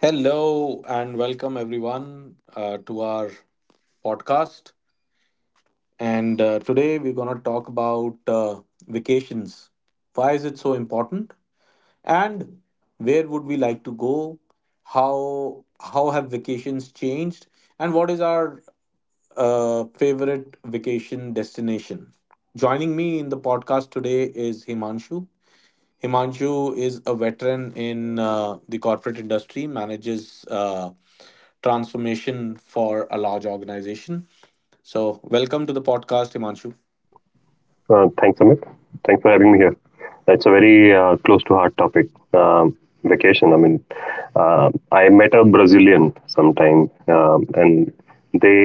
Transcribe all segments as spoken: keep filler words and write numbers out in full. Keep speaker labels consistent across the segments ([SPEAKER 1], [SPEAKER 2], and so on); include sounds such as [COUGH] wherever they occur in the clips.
[SPEAKER 1] Hello and welcome everyone, uh, to our podcast. And uh, Today we're going to talk about uh, vacations. Why is it so important? And where would we like to go? How how have vacations changed? And what is our uh, favorite vacation destination? Joining me in the podcast today is Himanshu. Himanshu is a veteran in uh, the corporate industry, manages. Uh, transformation for a large organization. So, welcome to the podcast, Himanshu.
[SPEAKER 2] Uh, thanks, Amit. Thanks for having me here. It's a very uh, close to heart topic. Um, Vacation. I mean, uh, I met a Brazilian sometime, um, and they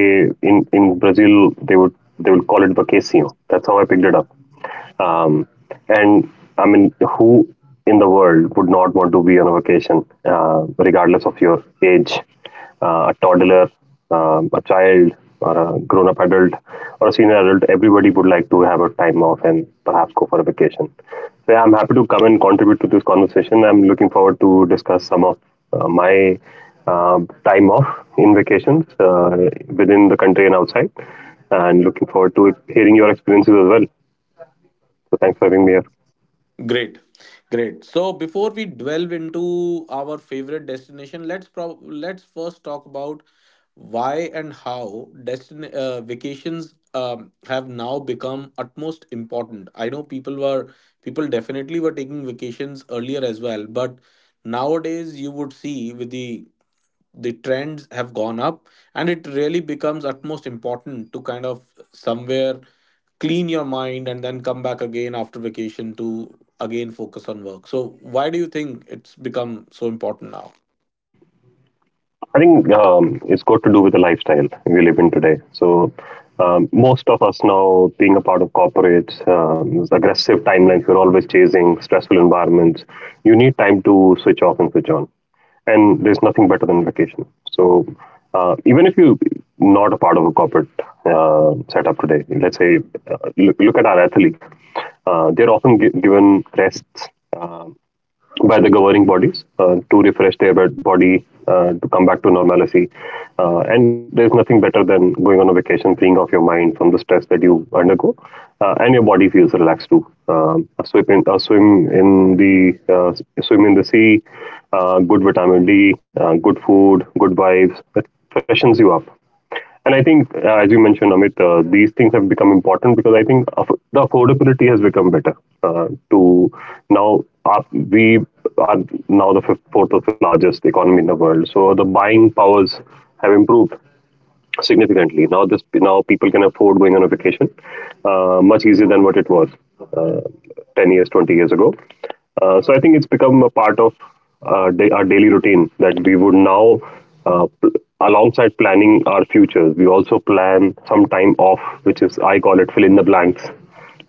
[SPEAKER 2] in in Brazil they would they would call it vacacio. That's how I picked it up. Um, and I mean, who in the world would not want to be on a vacation, uh, regardless of your age? Uh, a toddler, um, a child, or a grown up adult, or a senior adult, everybody would like to have a time off and perhaps go for a vacation. So, yeah, I'm happy to come and contribute to this conversation. I'm looking forward to discuss some of uh, my uh, time off in vacations, uh, within the country and outside, and looking forward to hearing your experiences as well. So thanks for having me here.
[SPEAKER 1] Great, great. So, before we delve into our favorite destination, let's pro- let's first talk about why and how destin- uh, vacations um, have now become utmost important. I know people were people definitely were taking vacations earlier as well, but nowadays you would see with the the trends have gone up, and it really becomes utmost important to kind of somewhere clean your mind and then come back again after vacation to again focus on work. So why do you think it's become so important now?
[SPEAKER 2] I think um, it's got to do with the lifestyle we live in today. So um, most of us now, being a part of corporates, um, those aggressive timelines, we're always chasing stressful environments. You need time to switch off and switch on, and there's nothing better than vacation. So uh, even if you're not a part of a corporate uh, setup today, let's say uh, look, look at our athletes. Uh, they're often gi- given rests um by the governing bodies uh, to refresh their body uh, to come back to normalcy. Uh, and there's nothing better than going on a vacation, freeing off your mind from the stress that you undergo, uh, and your body feels relaxed too. Um, a swim in, a swim in the uh, swim in the sea, uh, good vitamin D, uh, good food, good vibes. It freshens you up. And I think, uh, as you mentioned, Amit, uh, these things have become important because I think aff- the affordability has become better. Uh, to now, our, we are now the fifth, fourth or fifth largest economy in the world, so the buying powers have improved significantly. Now this now people can afford going on a vacation uh, much easier than what it was, uh, ten years, twenty years ago. Uh, so I think it's become a part of our, da- our daily routine that we would now, uh, pl- alongside planning our futures, we also plan some time off, which is, I call it, fill in the blanks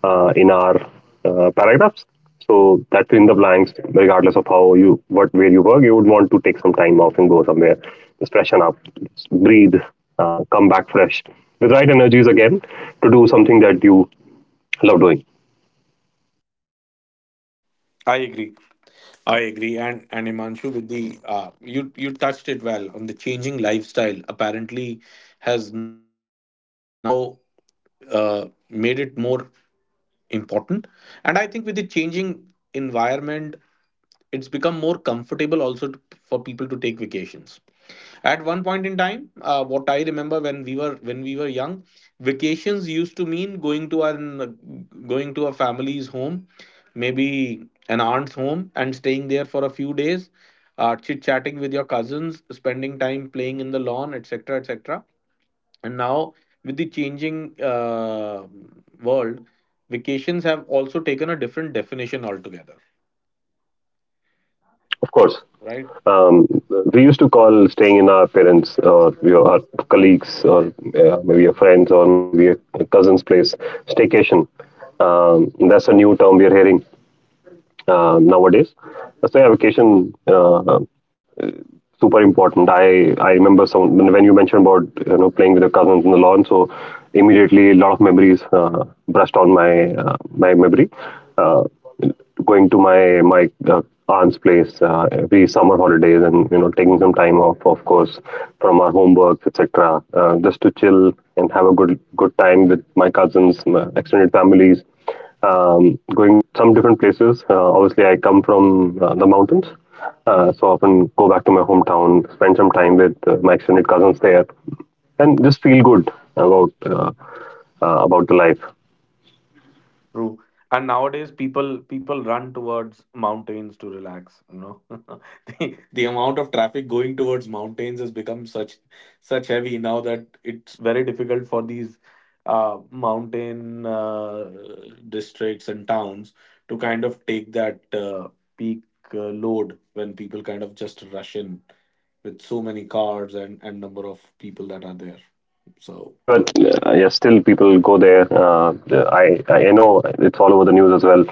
[SPEAKER 2] uh, in our uh, paragraphs. So that's, in the blanks, regardless of how you what where you work, you would want to take some time off and go somewhere, just freshen up, just breathe, uh, come back fresh with right energies again to do something that you love doing.
[SPEAKER 1] i agree I agree, and and Imanshu, with the uh, you you touched it well on the changing lifestyle. Apparently, has now uh, made it more important, and I think with the changing environment, it's become more comfortable also to, for people to take vacations at one point in time. Uh, what I remember, when we were when we were young, vacations used to mean going to an going to a family's home, maybe an aunt's home, and staying there for a few days, uh, chit chatting with your cousins, spending time playing in the lawn, etc., etc. And now, with the changing uh, world, vacations have also taken a different definition altogether.
[SPEAKER 2] Of course,
[SPEAKER 1] Right.
[SPEAKER 2] um, we used to call staying in our parents or your our colleagues or uh, maybe your friends or maybe a cousin's place staycation. Um, that's a new term we are hearing uh, nowadays. So yeah, vacation, uh, super important. I I remember some when when you mentioned about you know playing with your cousins in the lawn, so immediately a lot of memories uh, brushed on my uh, my memory. Uh, Going to my my uh, aunt's place uh, every summer holidays, and you know taking some time off, of course, from our homework, et cetera. Uh, just to chill and have a good good time with my cousins, my extended families. Um, going some different places. Uh, obviously, I come from uh, the mountains, uh, so often go back to my hometown, spend some time with uh, my extended cousins there, and just feel good about uh, uh, about the life.
[SPEAKER 1] True. And nowadays people people run towards mountains to relax, you know. [LAUGHS] The, the amount of traffic going towards mountains has become such such heavy now that it's very difficult for these uh, mountain uh, districts and towns to kind of take that uh, peak uh, load when people kind of just rush in with so many cars and and number of people that are there. So
[SPEAKER 2] Yeah, but uh, yeah, still people go there. Uh, I I know it's all over the news as well.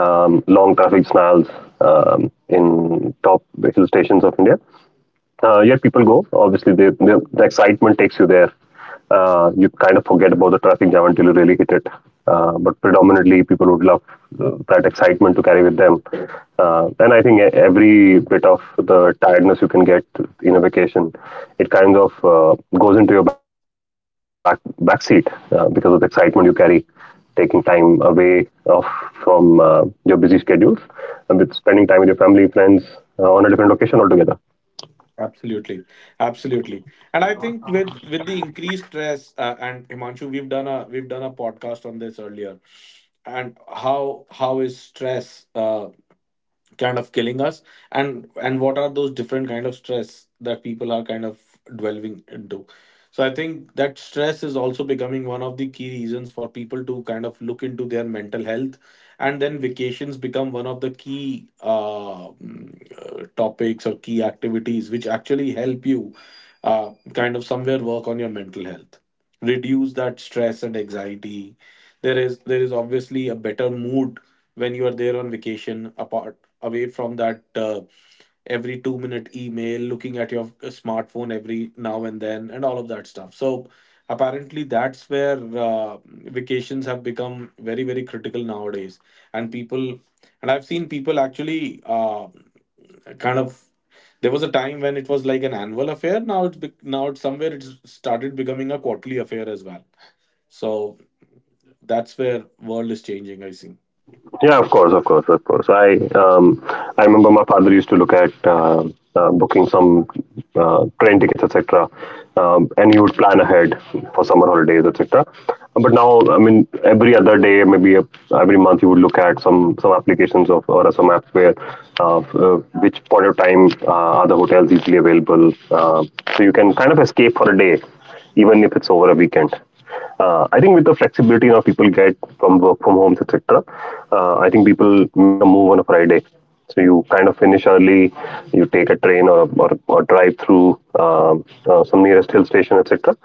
[SPEAKER 2] Um, long traffic snarls um, in top hill stations of India. Uh, yet people go. Obviously, they, they, the excitement takes you there. Uh, you kind of forget about the traffic jam until you really hit it. Uh, but predominantly, people would love uh, that excitement to carry with them. Uh, and I think, e- every bit of the tiredness you can get in a vacation, it kind of uh, goes into your back back seat uh, because of the excitement you carry, taking time away off from uh, your busy schedules and with spending time with your family, friends uh, on a different location altogether.
[SPEAKER 1] absolutely, absolutely, and I think with with the increased stress, uh, and Himanshu, we've done a we've done a podcast on this earlier, and how how is stress Uh, kind of killing us, and and what are those different kind of stress that people are kind of dwelling into. So I think that stress is also becoming one of the key reasons for people to kind of look into their mental health, and then vacations become one of the key uh, mm, uh, topics or key activities which actually help you uh, kind of somewhere work on your mental health, reduce that stress and anxiety. There is there is obviously a better mood when you are there on vacation, apart away from that uh, every two minute email, looking at your uh, smartphone every now and then, and all of that stuff. So, apparently, that's where uh, vacations have become very, very critical nowadays. And people, and I've seen people actually uh, kind of. There was a time when it was like an annual affair. Now it's bec- now it's somewhere it's started becoming a quarterly affair as well. So that's where world is changing, I think.
[SPEAKER 2] Yeah, of course, of course, of course. I um, I remember my father used to look at uh, uh, booking some uh, train tickets, et cetera. Um, and he would plan ahead for summer holidays, et cetera. But now, I mean, every other day, maybe a, every month, you would look at some some applications of or some apps where uh, uh, which point of time uh, are the hotels easily available, uh, so you can kind of escape for a day, even if it's over a weekend. Uh, I think with the flexibility now people get from work from homes, et cetera. Uh, I think people make a move on a Friday, so you kind of finish early. You take a train or or, or drive through um uh, some nearest hill station, et cetera.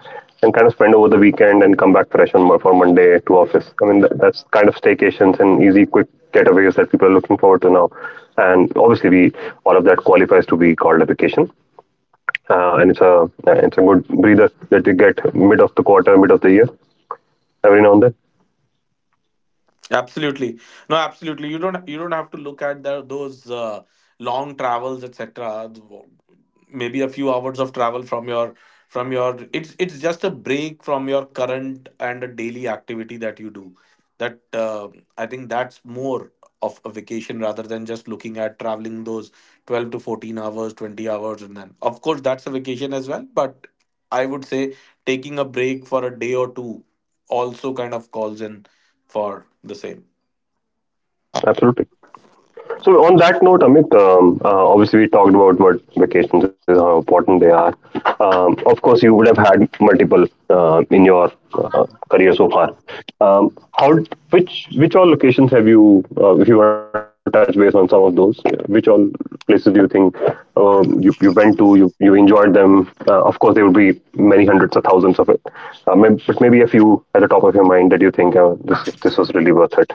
[SPEAKER 2] And kind of spend over the weekend and come back fresh on Mo- for Monday to office. I mean, that, that's kind of staycations and easy, quick getaways that people are looking forward to now. And obviously, we all of that qualifies to be called a vacation, uh, and it's a it's a good breather that you get mid of the quarter, mid of the year every now and then.
[SPEAKER 1] Absolutely. No, absolutely. You don't you don't have to look at the, those uh, long travels, et cetera. Maybe a few hours of travel from your from your, it's it's just a break from your current and a daily activity that you do. That uh, I think that's more of a vacation rather than just looking at traveling those twelve to fourteen hours, twenty hours and then. Of course that's a vacation as well, but I would say taking a break for a day or two also kind of calls in for the same.
[SPEAKER 2] Yeah, absolutely. So on that note, Amit, um, uh, obviously we talked about what vacations is, how important they are. Um, of course, you would have had multiple uh, in your uh, career so far. Um, how which which all locations have you? Uh, if you want to touch base on some of those, which all places do you think uh, you you went to? You you enjoyed them? Uh, of course, there would be many hundreds or thousands of it, uh, may- but maybe a few at the top of your mind that you think uh, this this was really worth it.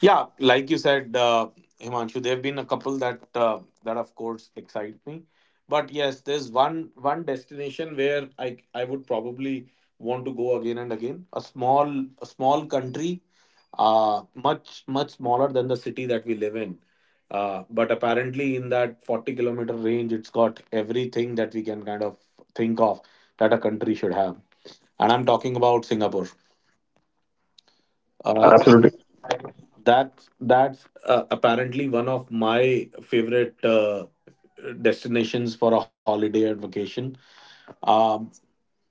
[SPEAKER 1] Yeah, like you said, uh, Himanshu, there have been a couple that uh, that of course excite me, but yes, there's one one destination where I I would probably want to go again and again. A small a small country, uh, much much smaller than the city that we live in, uh, but apparently in that forty kilometer range, it's got everything that we can kind of think of that a country should have, and I'm talking about Singapore.
[SPEAKER 2] Yeah,
[SPEAKER 1] Uh,
[SPEAKER 2] absolutely.
[SPEAKER 1] That that's uh, apparently one of my favorite uh, destinations for a holiday and vacation. Um,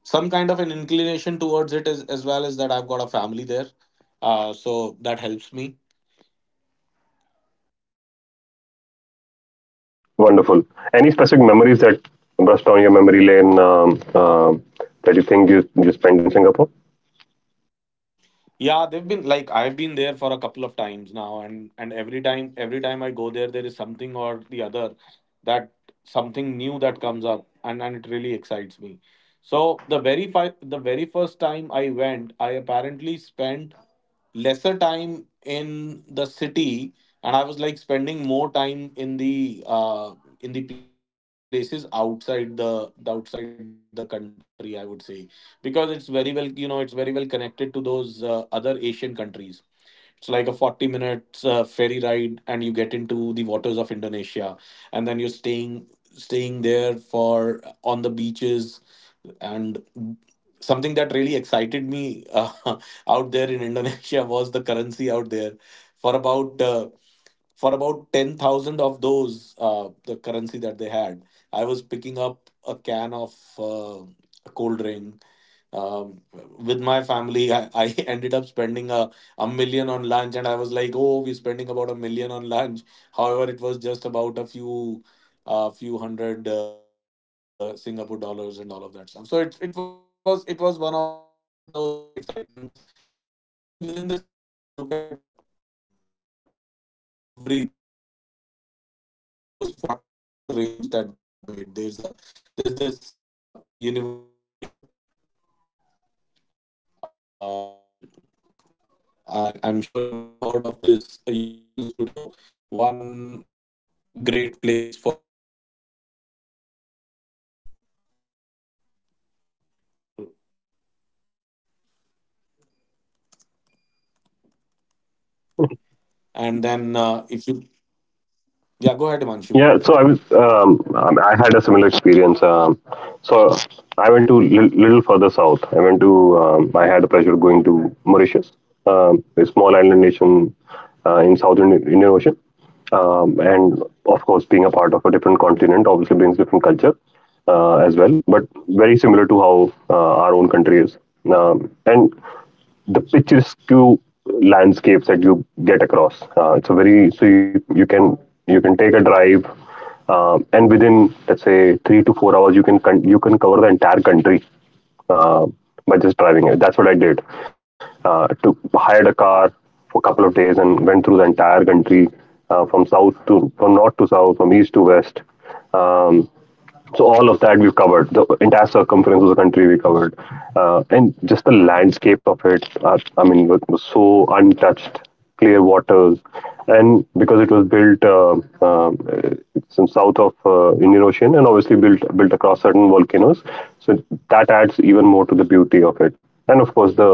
[SPEAKER 1] some kind of an inclination towards it as, as well as that I've got a family there, uh, so that helps me.
[SPEAKER 2] Wonderful. Any specific memories that burst down your memory lane um, um, that you think you, you spent in Singapore?
[SPEAKER 1] Yeah, they've been like I've been there for a couple of times now, and and every time every time I go there, there is something or the other that something new that comes up, and and it really excites me. So the very fi- the very first time I went, I apparently spent lesser time in the city, and I was like spending more time in the uh in the places outside the, the outside the country I would say, because it's very well, you know, it's very well connected to those uh, other asian countries. It's like a forty minutes uh, ferry ride, and you get into the waters of Indonesia, and then you're staying staying there for uh, on the beaches, and something that really excited me uh, [LAUGHS] out there in Indonesia [LAUGHS] was the currency out there. For about uh, for about ten thousand of those uh, the currency that they had, I was picking up a can of uh, a cold drink, um, with my family, I, I [LAUGHS] ended up spending a, a million on lunch. And I was like, oh, we're spending about a million on lunch, however it was just about a few a few hundred uh, singapore dollars and all of that stuff. So it, it was it was one of those excitements. And then within the city, if you look at, it's got pretty much everything that that in those forty kilometer range that they have made. There's a there's this uh, universal studio. um. I, I'm sure you would have heard of this uh, Universal Studio, one great place for everybody to be at. And then uh, if you, yeah, go ahead, Himanshu.
[SPEAKER 2] Yeah, so I was, um, um, I had a similar experience. Um, so I went to li- little further south. I went to, um, I had a pleasure going to Mauritius, um, a small island nation uh, in southern Indian Ocean. Um, and of course, being a part of a different continent obviously brings different culture uh, as well, but very similar to how uh, our own country is. Um, and the picturesque landscapes that you get across. Uh, it's a very so you, you can you can take a drive, uh, and within let's say three to four hours, you can con- you can cover the entire country uh, by just driving it. That's what I did. Uh, to Hired a car for a couple of days and went through the entire country uh, from south to from north to south, from east to west. Um, so all of that, we've covered the entire circumference of the country we covered, uh, and just the landscapes of it are, I mean, were- were so untouched, clear waters, and because it was built uh, uh, it's in south of uh, Indian Ocean and obviously built built across certain volcanoes, so that adds even more to the beauty of it. And of course, the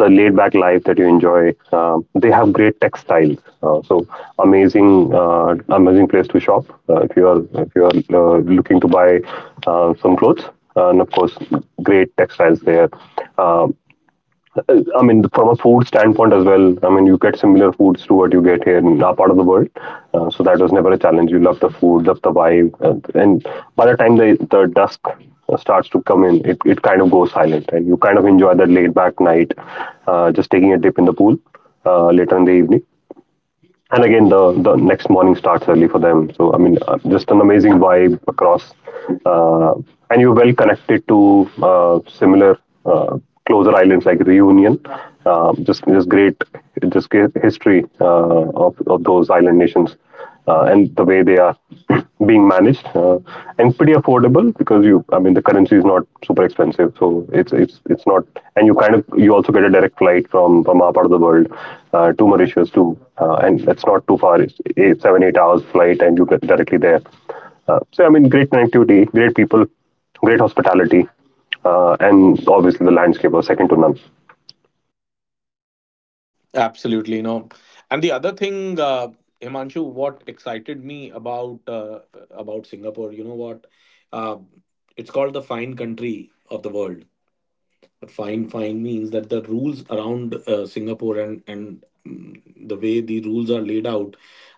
[SPEAKER 2] the laid back life that you enjoy. Um, they have great textiles, uh, so amazing, uh, amazing place to shop uh, if you are if you are uh, looking to buy uh, some clothes. And of course, great textiles there. Uh, well, I mean, from a food standpoint as well, I mean, you get similar foods to what you get here in our part of the world. Uh, so that was never a challenge. You love the food, love the vibe. And, and by the time the, the dusk uh, starts to come in, it, it kind of goes silent. And you kind of enjoy that laid back night, uh, just taking a dip in the pool uh, later in the evening. And again, the the next morning starts early for them. So I mean, uh, just an amazing vibe across. uh, and you're well connected to uh, similar, uh, closer islands like Reunion. um, just just great, just great history uh, of, of those island nations, uh, and the way they are [CLEARS THROAT] being managed, uh, and pretty affordable because you, I mean, the currency is not super expensive, so it's it's it's not. And you kind of, you also get a direct flight from from our part of the world, uh, to Mauritius, to uh, and that's not too far. It's eight, seven eight hours flight, and you get directly there. Uh, so I mean, great connectivity, great people, great hospitality, uh, and obviously the landscape was second to none.
[SPEAKER 1] Absolutely, no. And the other thing, uh, Himanshu, what excited me about uh, about Singapore, you know what? Uh, it's called the fine country of the world. Fine fine means that the rules around uh, singapore and and mm, the way the rules are laid out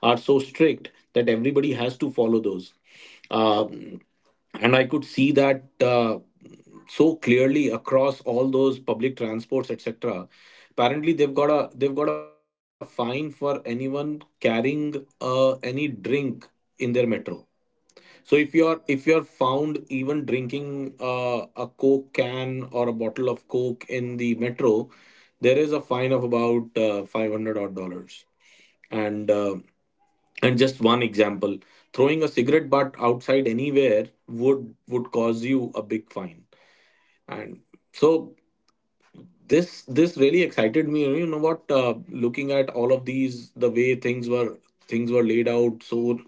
[SPEAKER 1] are so strict that everybody has to follow those, uh, and I could see that uh, so clearly across all those public transports, etc. Apparently they've got a they've got a fine for anyone carrying uh, any drink in their metro. So if you are if you are found even drinking uh, a coke can or a bottle of coke in the metro, there is a fine of about uh, five hundred odd dollars. And um and just one example, throwing a cigarette butt outside anywhere would would cause you a big fine. And so this this really excited me, you know what, uh, looking at all of these, the way things were things were laid out so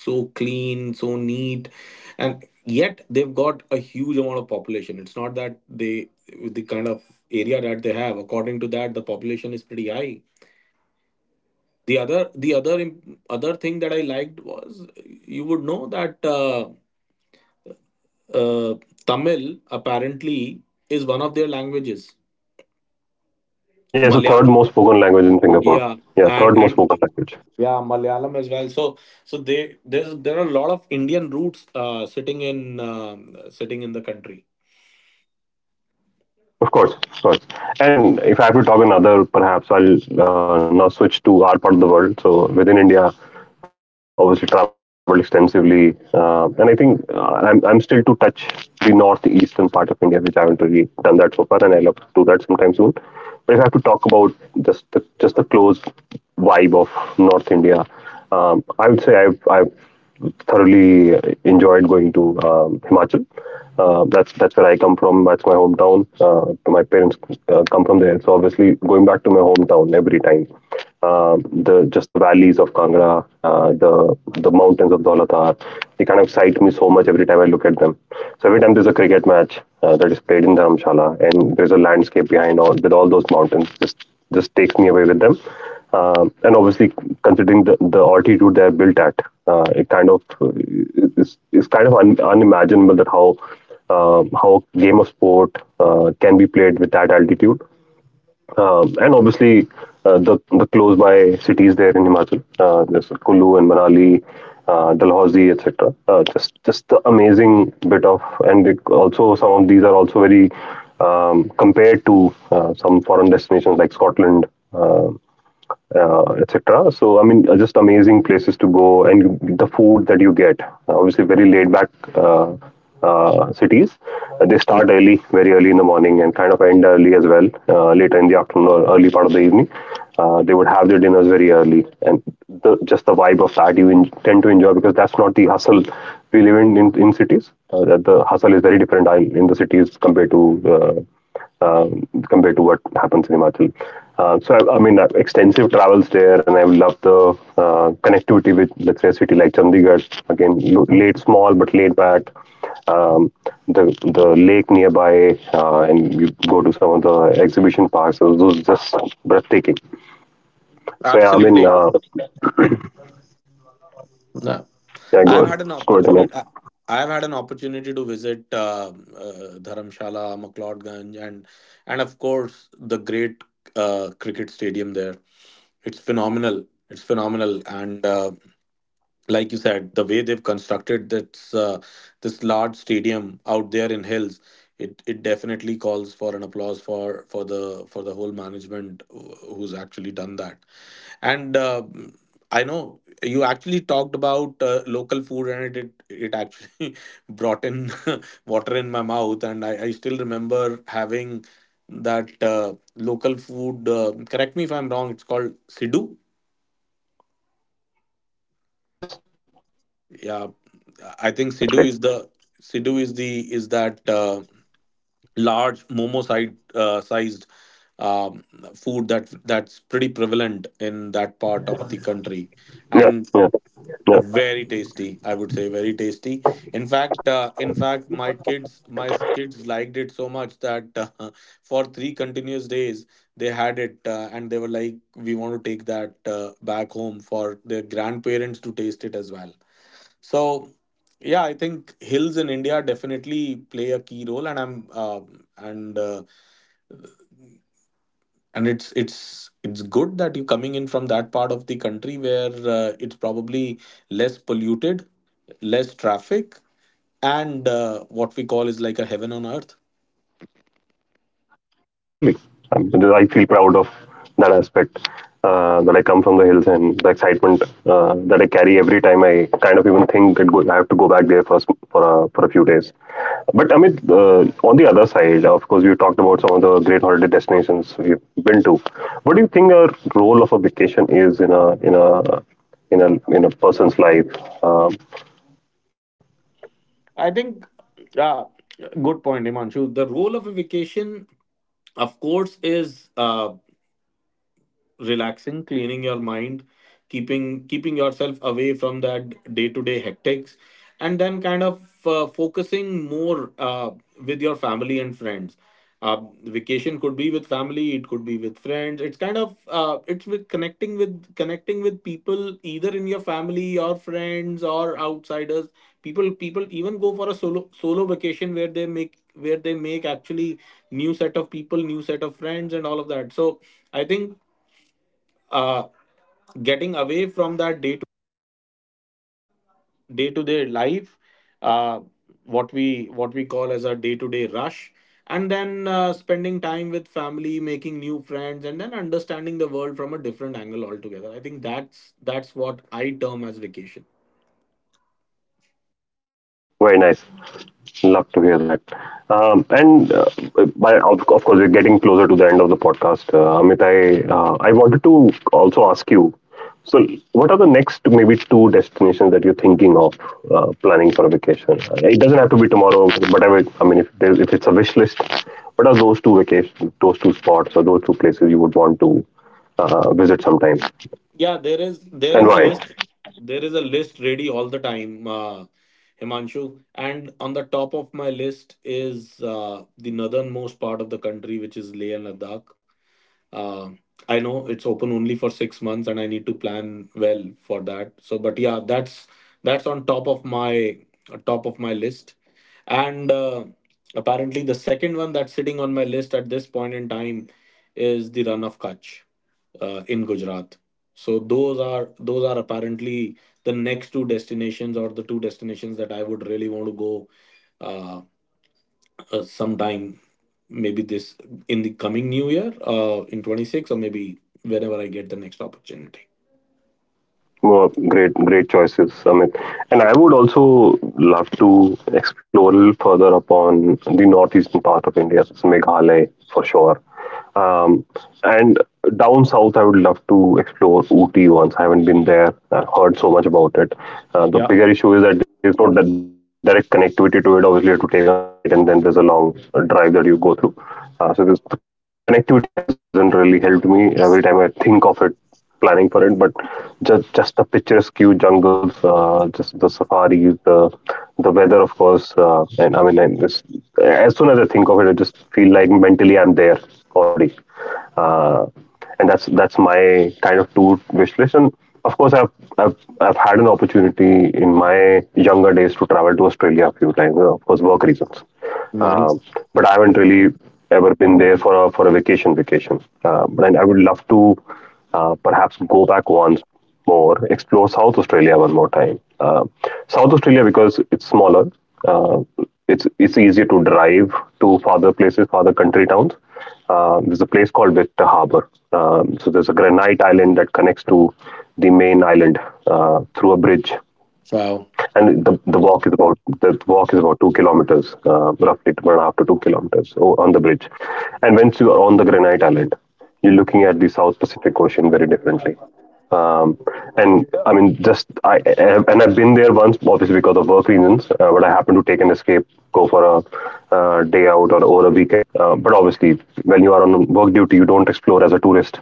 [SPEAKER 1] so clean so neat, and yet they've got a huge amount of population. It's not that they with the kind of area that they have, according to that the population is pretty high. The other the other im- other thing that I liked was, you would know that uh, uh, tamil apparently is one of their languages.
[SPEAKER 2] Yes, the third
[SPEAKER 1] Malayalam.
[SPEAKER 2] most spoken language in Singapore.
[SPEAKER 1] Yeah.
[SPEAKER 2] Yeah,
[SPEAKER 1] and
[SPEAKER 2] third most
[SPEAKER 1] and
[SPEAKER 2] spoken language.
[SPEAKER 1] Yeah, Malayalam as well. So, so they there's there are a lot of Indian roots uh, sitting in um, sitting in the country.
[SPEAKER 2] Of course, of course. And if I have to talk another, perhaps I'll uh, now switch to our part of the world. So within India, obviously traveled extensively, uh, and I think uh, I'm I'm still to touch the northeastern part of India, which I haven't really done that so far, and I love to do that sometime soon. But if I have to talk about just the just the close vibe of North India, um, I would say I've I've thoroughly enjoyed going to um, Himachal. Uh, that's that's where I come from. That's my hometown. Uh, my parents uh, come from there, so obviously going back to my hometown every time. Um the, just the valleys of Kangra, uh, the the mountains of Dholathar, they kind of excite me so much every time I look at them. So every time there's a cricket match uh, that is played in Dharamshala, and there's a landscape behind all with all those mountains, just just takes me away with them. Um, and obviously, considering the, the altitude they're built at, uh, it kind of uh, is is kind of un, unimaginable that how uh, how a game of sport uh, can be played with that altitude. Um, and obviously, uh, the the close by cities there in Himachal, uh, there's Kulu and Manali, uh, Dalhousie, et cetera. Uh, just just the amazing bit of, and it also some of these are also very um, compared to uh, some foreign destinations like Scotland. Uh, uh, et cetera. So I mean, uh, just amazing places to go, and you, the food that you get. Uh, Obviously, very laid back uh, uh, cities. Uh, They start early, very early in the morning, and kind of end early as well, uh, later in the afternoon or early part of the evening. Uh, they would have their dinners very early, and the, just the vibe of that you in, tend to enjoy because that's not the hustle we live in in, in cities. Uh, that the hustle is very different I- in the cities compared to uh, um, compared to what happens in Himachal. Uh, so I, I mean, I've extensive travels there, and I love the uh, connectivity with, let's say, a city like Chandigarh. Again, lo- laid small but laid back. Um, the the lake nearby, uh, and you go to some of the exhibition parks. So those are just breathtaking. So yeah, I mean,
[SPEAKER 1] Absolutely.
[SPEAKER 2] uh,
[SPEAKER 1] No.
[SPEAKER 2] yeah, go
[SPEAKER 1] I've
[SPEAKER 2] ahead,
[SPEAKER 1] had an
[SPEAKER 2] go ahead, Amit.
[SPEAKER 1] opportunity. I- I've had an opportunity to visit um uh, Dharamshala, McLeodganj, and and of course the great uh, cricket stadium there. It's phenomenal. It's phenomenal, and uh, like you said, the way they've constructed this uh, this large stadium out there in hills, it it definitely calls for an applause for for the for the whole management wh- who's actually done that. And uh, I know you actually talked about uh, local food, and it it, it actually [LAUGHS] brought in [LAUGHS] water in my mouth, and I, I still remember having that uh, local food. Uh, correct me if I'm wrong. It's called Sidhu.
[SPEAKER 2] Yes,
[SPEAKER 1] Yeah,
[SPEAKER 2] that's right.
[SPEAKER 1] I think Sidhu is the Sidhu is the is that uh, large momo side uh, sized um, food that that's pretty prevalent in that part of the
[SPEAKER 2] Yeah,
[SPEAKER 1] country.
[SPEAKER 2] yeah, yeah.
[SPEAKER 1] And very tasty, I would say, very tasty. In fact, uh, in fact, my kids my kids liked it so much that uh, [LAUGHS] for three continuous days they had it, uh, and they were like, we want to take that uh, back home for their grandparents to taste it as well. So, yeah, I think hills in India definitely play a key role, and I'm uh, and uh, and it's it's it's good that you're coming in from that part of the country where uh, it's probably less polluted, less traffic, and uh, what we call is like a heaven on earth.
[SPEAKER 2] Yeah, absolutely. Um, I feel proud of that aspect uh, that I come from the hills and the excitement uh, that I carry every time I kind of even think that go, I have to go back there for a, s- for a, for a few days. But Amit, uh, on the other side, of course, you talked about some of the great holiday destinations we've been to. What do you think the role of a vacation is in a in a in a in a person's life? Um,
[SPEAKER 1] I think, yeah, good point, Himanshu. The role of a vacation, of course, is uh, relaxing, cleaning your mind, keeping keeping yourself away from that day to day hectics, and then kind of uh, focusing more uh, with your family and friends. uh, Vacation could be with family, it could be with friends. It's kind of uh, it's with connecting with connecting with people either in your family or friends or outsiders. People people even go for a solo solo vacation where they make where they make actually new set of people, new set of friends and all of that. So I think, uh, getting away from that day to day to day life, uh, what we what we call as a day to day rush, and then uh, spending time with family, making new friends, and then understanding the world from a different angle altogether. I think that's that's what I term as vacation.
[SPEAKER 2] very nice. Love to hear that. Um, and uh, by, of, of course, we're getting closer to the end of the podcast. Uh, Amit, I, uh, I wanted to also ask you, so, what are the next maybe two destinations that you're thinking of uh, planning for a vacation? It doesn't have to be tomorrow, whatever. I mean, if, there's, if it's a wish list, what are those two vacation, those two spots or those two places you would want to uh, visit sometime,
[SPEAKER 1] Yeah, there is there
[SPEAKER 2] and
[SPEAKER 1] is a
[SPEAKER 2] why?
[SPEAKER 1] list, there is a list ready all the time. Uh, Himanshu. And on the top of my list is uh, the northernmost part of the country, which is Leh and Ladakh. Um I know it's open only for six months, and I need to plan well for that. So, but yeah, that's that's on top of my top of my list. And uh, apparently, the second one that's sitting on my list at this point in time is the Run of Kutch uh, in Gujarat. So those are those are apparently the next two destinations or the two destinations that I would really want to go uh, uh, sometime, maybe this in the coming new year uh, in twenty-six, or maybe whenever I get the next opportunity.
[SPEAKER 2] Well, great, great choices, Amit. And I would also love to explore a little further upon the northeastern part of India, that's Meghalaya for sure. Um, and down south, I would love to explore Ooty once. I haven't been there. I've heard so much about it. Uh, the
[SPEAKER 1] Yeah,
[SPEAKER 2] bigger issue is that there's no di- direct connectivity to it. Obviously, you have to take a flight, and then there's a long drive that you go through. Uh, so this, the connectivity has hasn't really helped me. Every time I think of it, planning for it, but just just the picturesque jungles, uh, just the safaris, the the weather, of course, uh, and I mean, and it's, as soon as I think of it, I just feel like mentally I'm there already, uh, and that's that's my kind of tour wish list. And of course, I've I've I've had an opportunity in my younger days to travel to Australia a few times, uh, of course, work reasons.
[SPEAKER 1] nice.
[SPEAKER 2] Um but I haven't really ever been there for a for a vacation vacation. Uh, but I, I would love to uh, perhaps go back once more, explore South Australia one more time. Uh, South Australia because it's smaller, uh, it's it's easier to drive to farther places, farther country towns. Uh, there's a place called Victor Harbour. Um, so there's a granite island that connects to the main island uh, through a bridge.
[SPEAKER 1] Wow.
[SPEAKER 2] And the, the walk is about the walk is about two kilometers, uh, roughly one and a half to two kilometers o- on the bridge. And once you are on the Granite Island, you're looking at the South Pacific Ocean very differently. Um, and I mean, just I and I've been there once, obviously because of work reasons. Uh, but I happened to take an escape, go for a uh, day out or over a weekend. Uh, but obviously, when you are on work duty, you don't explore as a tourist.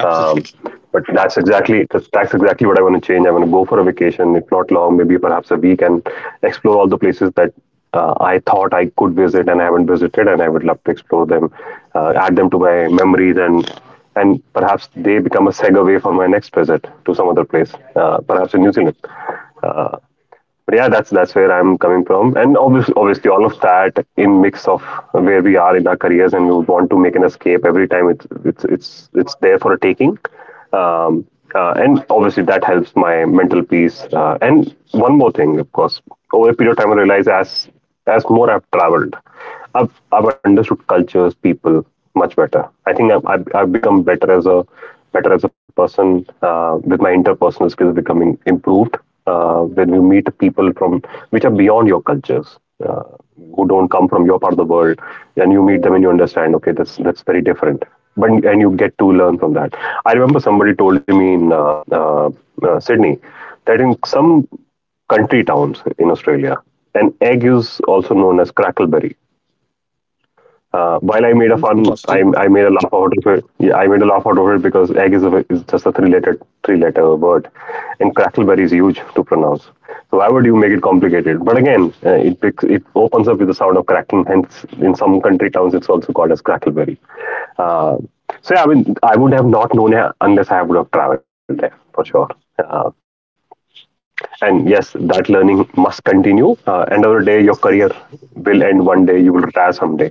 [SPEAKER 2] Um, but that's exactly that's, that's exactly what I want to change. I want to go for a vacation, if not long, maybe perhaps a week, and explore all the places that uh, I thought I could visit and haven't visited, and I would love to explore them, uh, add them to my memories, and and perhaps they become a segue for my next visit to some other place, uh, perhaps in New Zealand. But yeah, that's that's where I'm coming from, and obviously, obviously all of that in mix of where we are in our careers, and we would want to make an escape every time it's it's it's it's there for a taking. Um, uh, and obviously that helps my mental peace. Uh, and one more thing, of course, over a period of time, I realize as as more I've traveled, I've I've understood cultures, people much better. I think I've I've, I've become better as a better as a person uh, with my interpersonal skills becoming improved uh, when you meet people from which are beyond your cultures. Uh, who don't come from your part of the world, and you meet them and you understand, okay, that's that's very different, but, and you get to learn from that. I remember somebody told me in uh, uh, uh, Sydney that in some country towns in Australia. And egg is also known as crackleberry. Uh, while I made a fun, I,
[SPEAKER 1] interesting.
[SPEAKER 2] I made a laugh out of it. Yeah, I made a laugh out of it because egg is, a, is just a three-letter three-letter word, and crackleberry is huge to pronounce. So why would you make it complicated? But again, uh, it picks, it opens up with the sound of cracking. Hence, in some country towns, it's also called as crackleberry. Uh, so yeah, I mean, I would have not known it unless I would have traveled there for sure. Uh, and yes, that learning must continue. Uh, end of the day, your career will end one day. You will retire someday,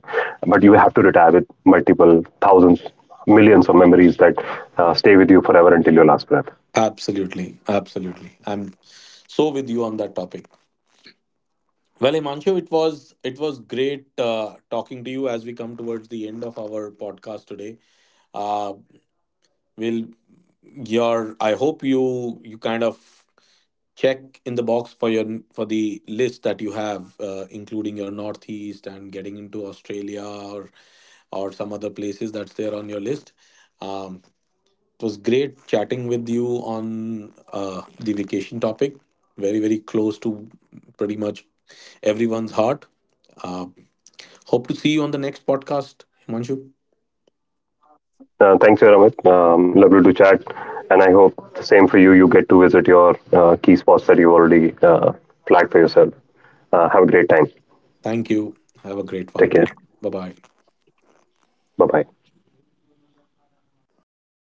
[SPEAKER 2] but you have to retire with multiple thousands, millions of memories that uh, stay with you forever until your last breath.
[SPEAKER 1] Absolutely, absolutely, I'm so with you on that topic. Well, Imanshu, it was it was great uh, talking to you. As we come towards the end of our podcast today, uh, will your, I hope you you kind of check in the box for your for the list that you have, uh, including your northeast and getting into australia or or some other places that's there on your list. um, it was great chatting with you on uh, the vacation topic, very very close to pretty much everyone's heart. uh, Hope to see you on the next podcast, Himanshu.
[SPEAKER 2] Uh, thanks here, Amit. Um, lovely to chat, and I hope the same for you. You get to visit your uh, key spots that you already uh, flagged for yourself. Uh, have a great time.
[SPEAKER 1] Thank you, have a great
[SPEAKER 2] Take
[SPEAKER 1] one too.
[SPEAKER 2] care.
[SPEAKER 1] Bye bye.
[SPEAKER 2] Bye bye.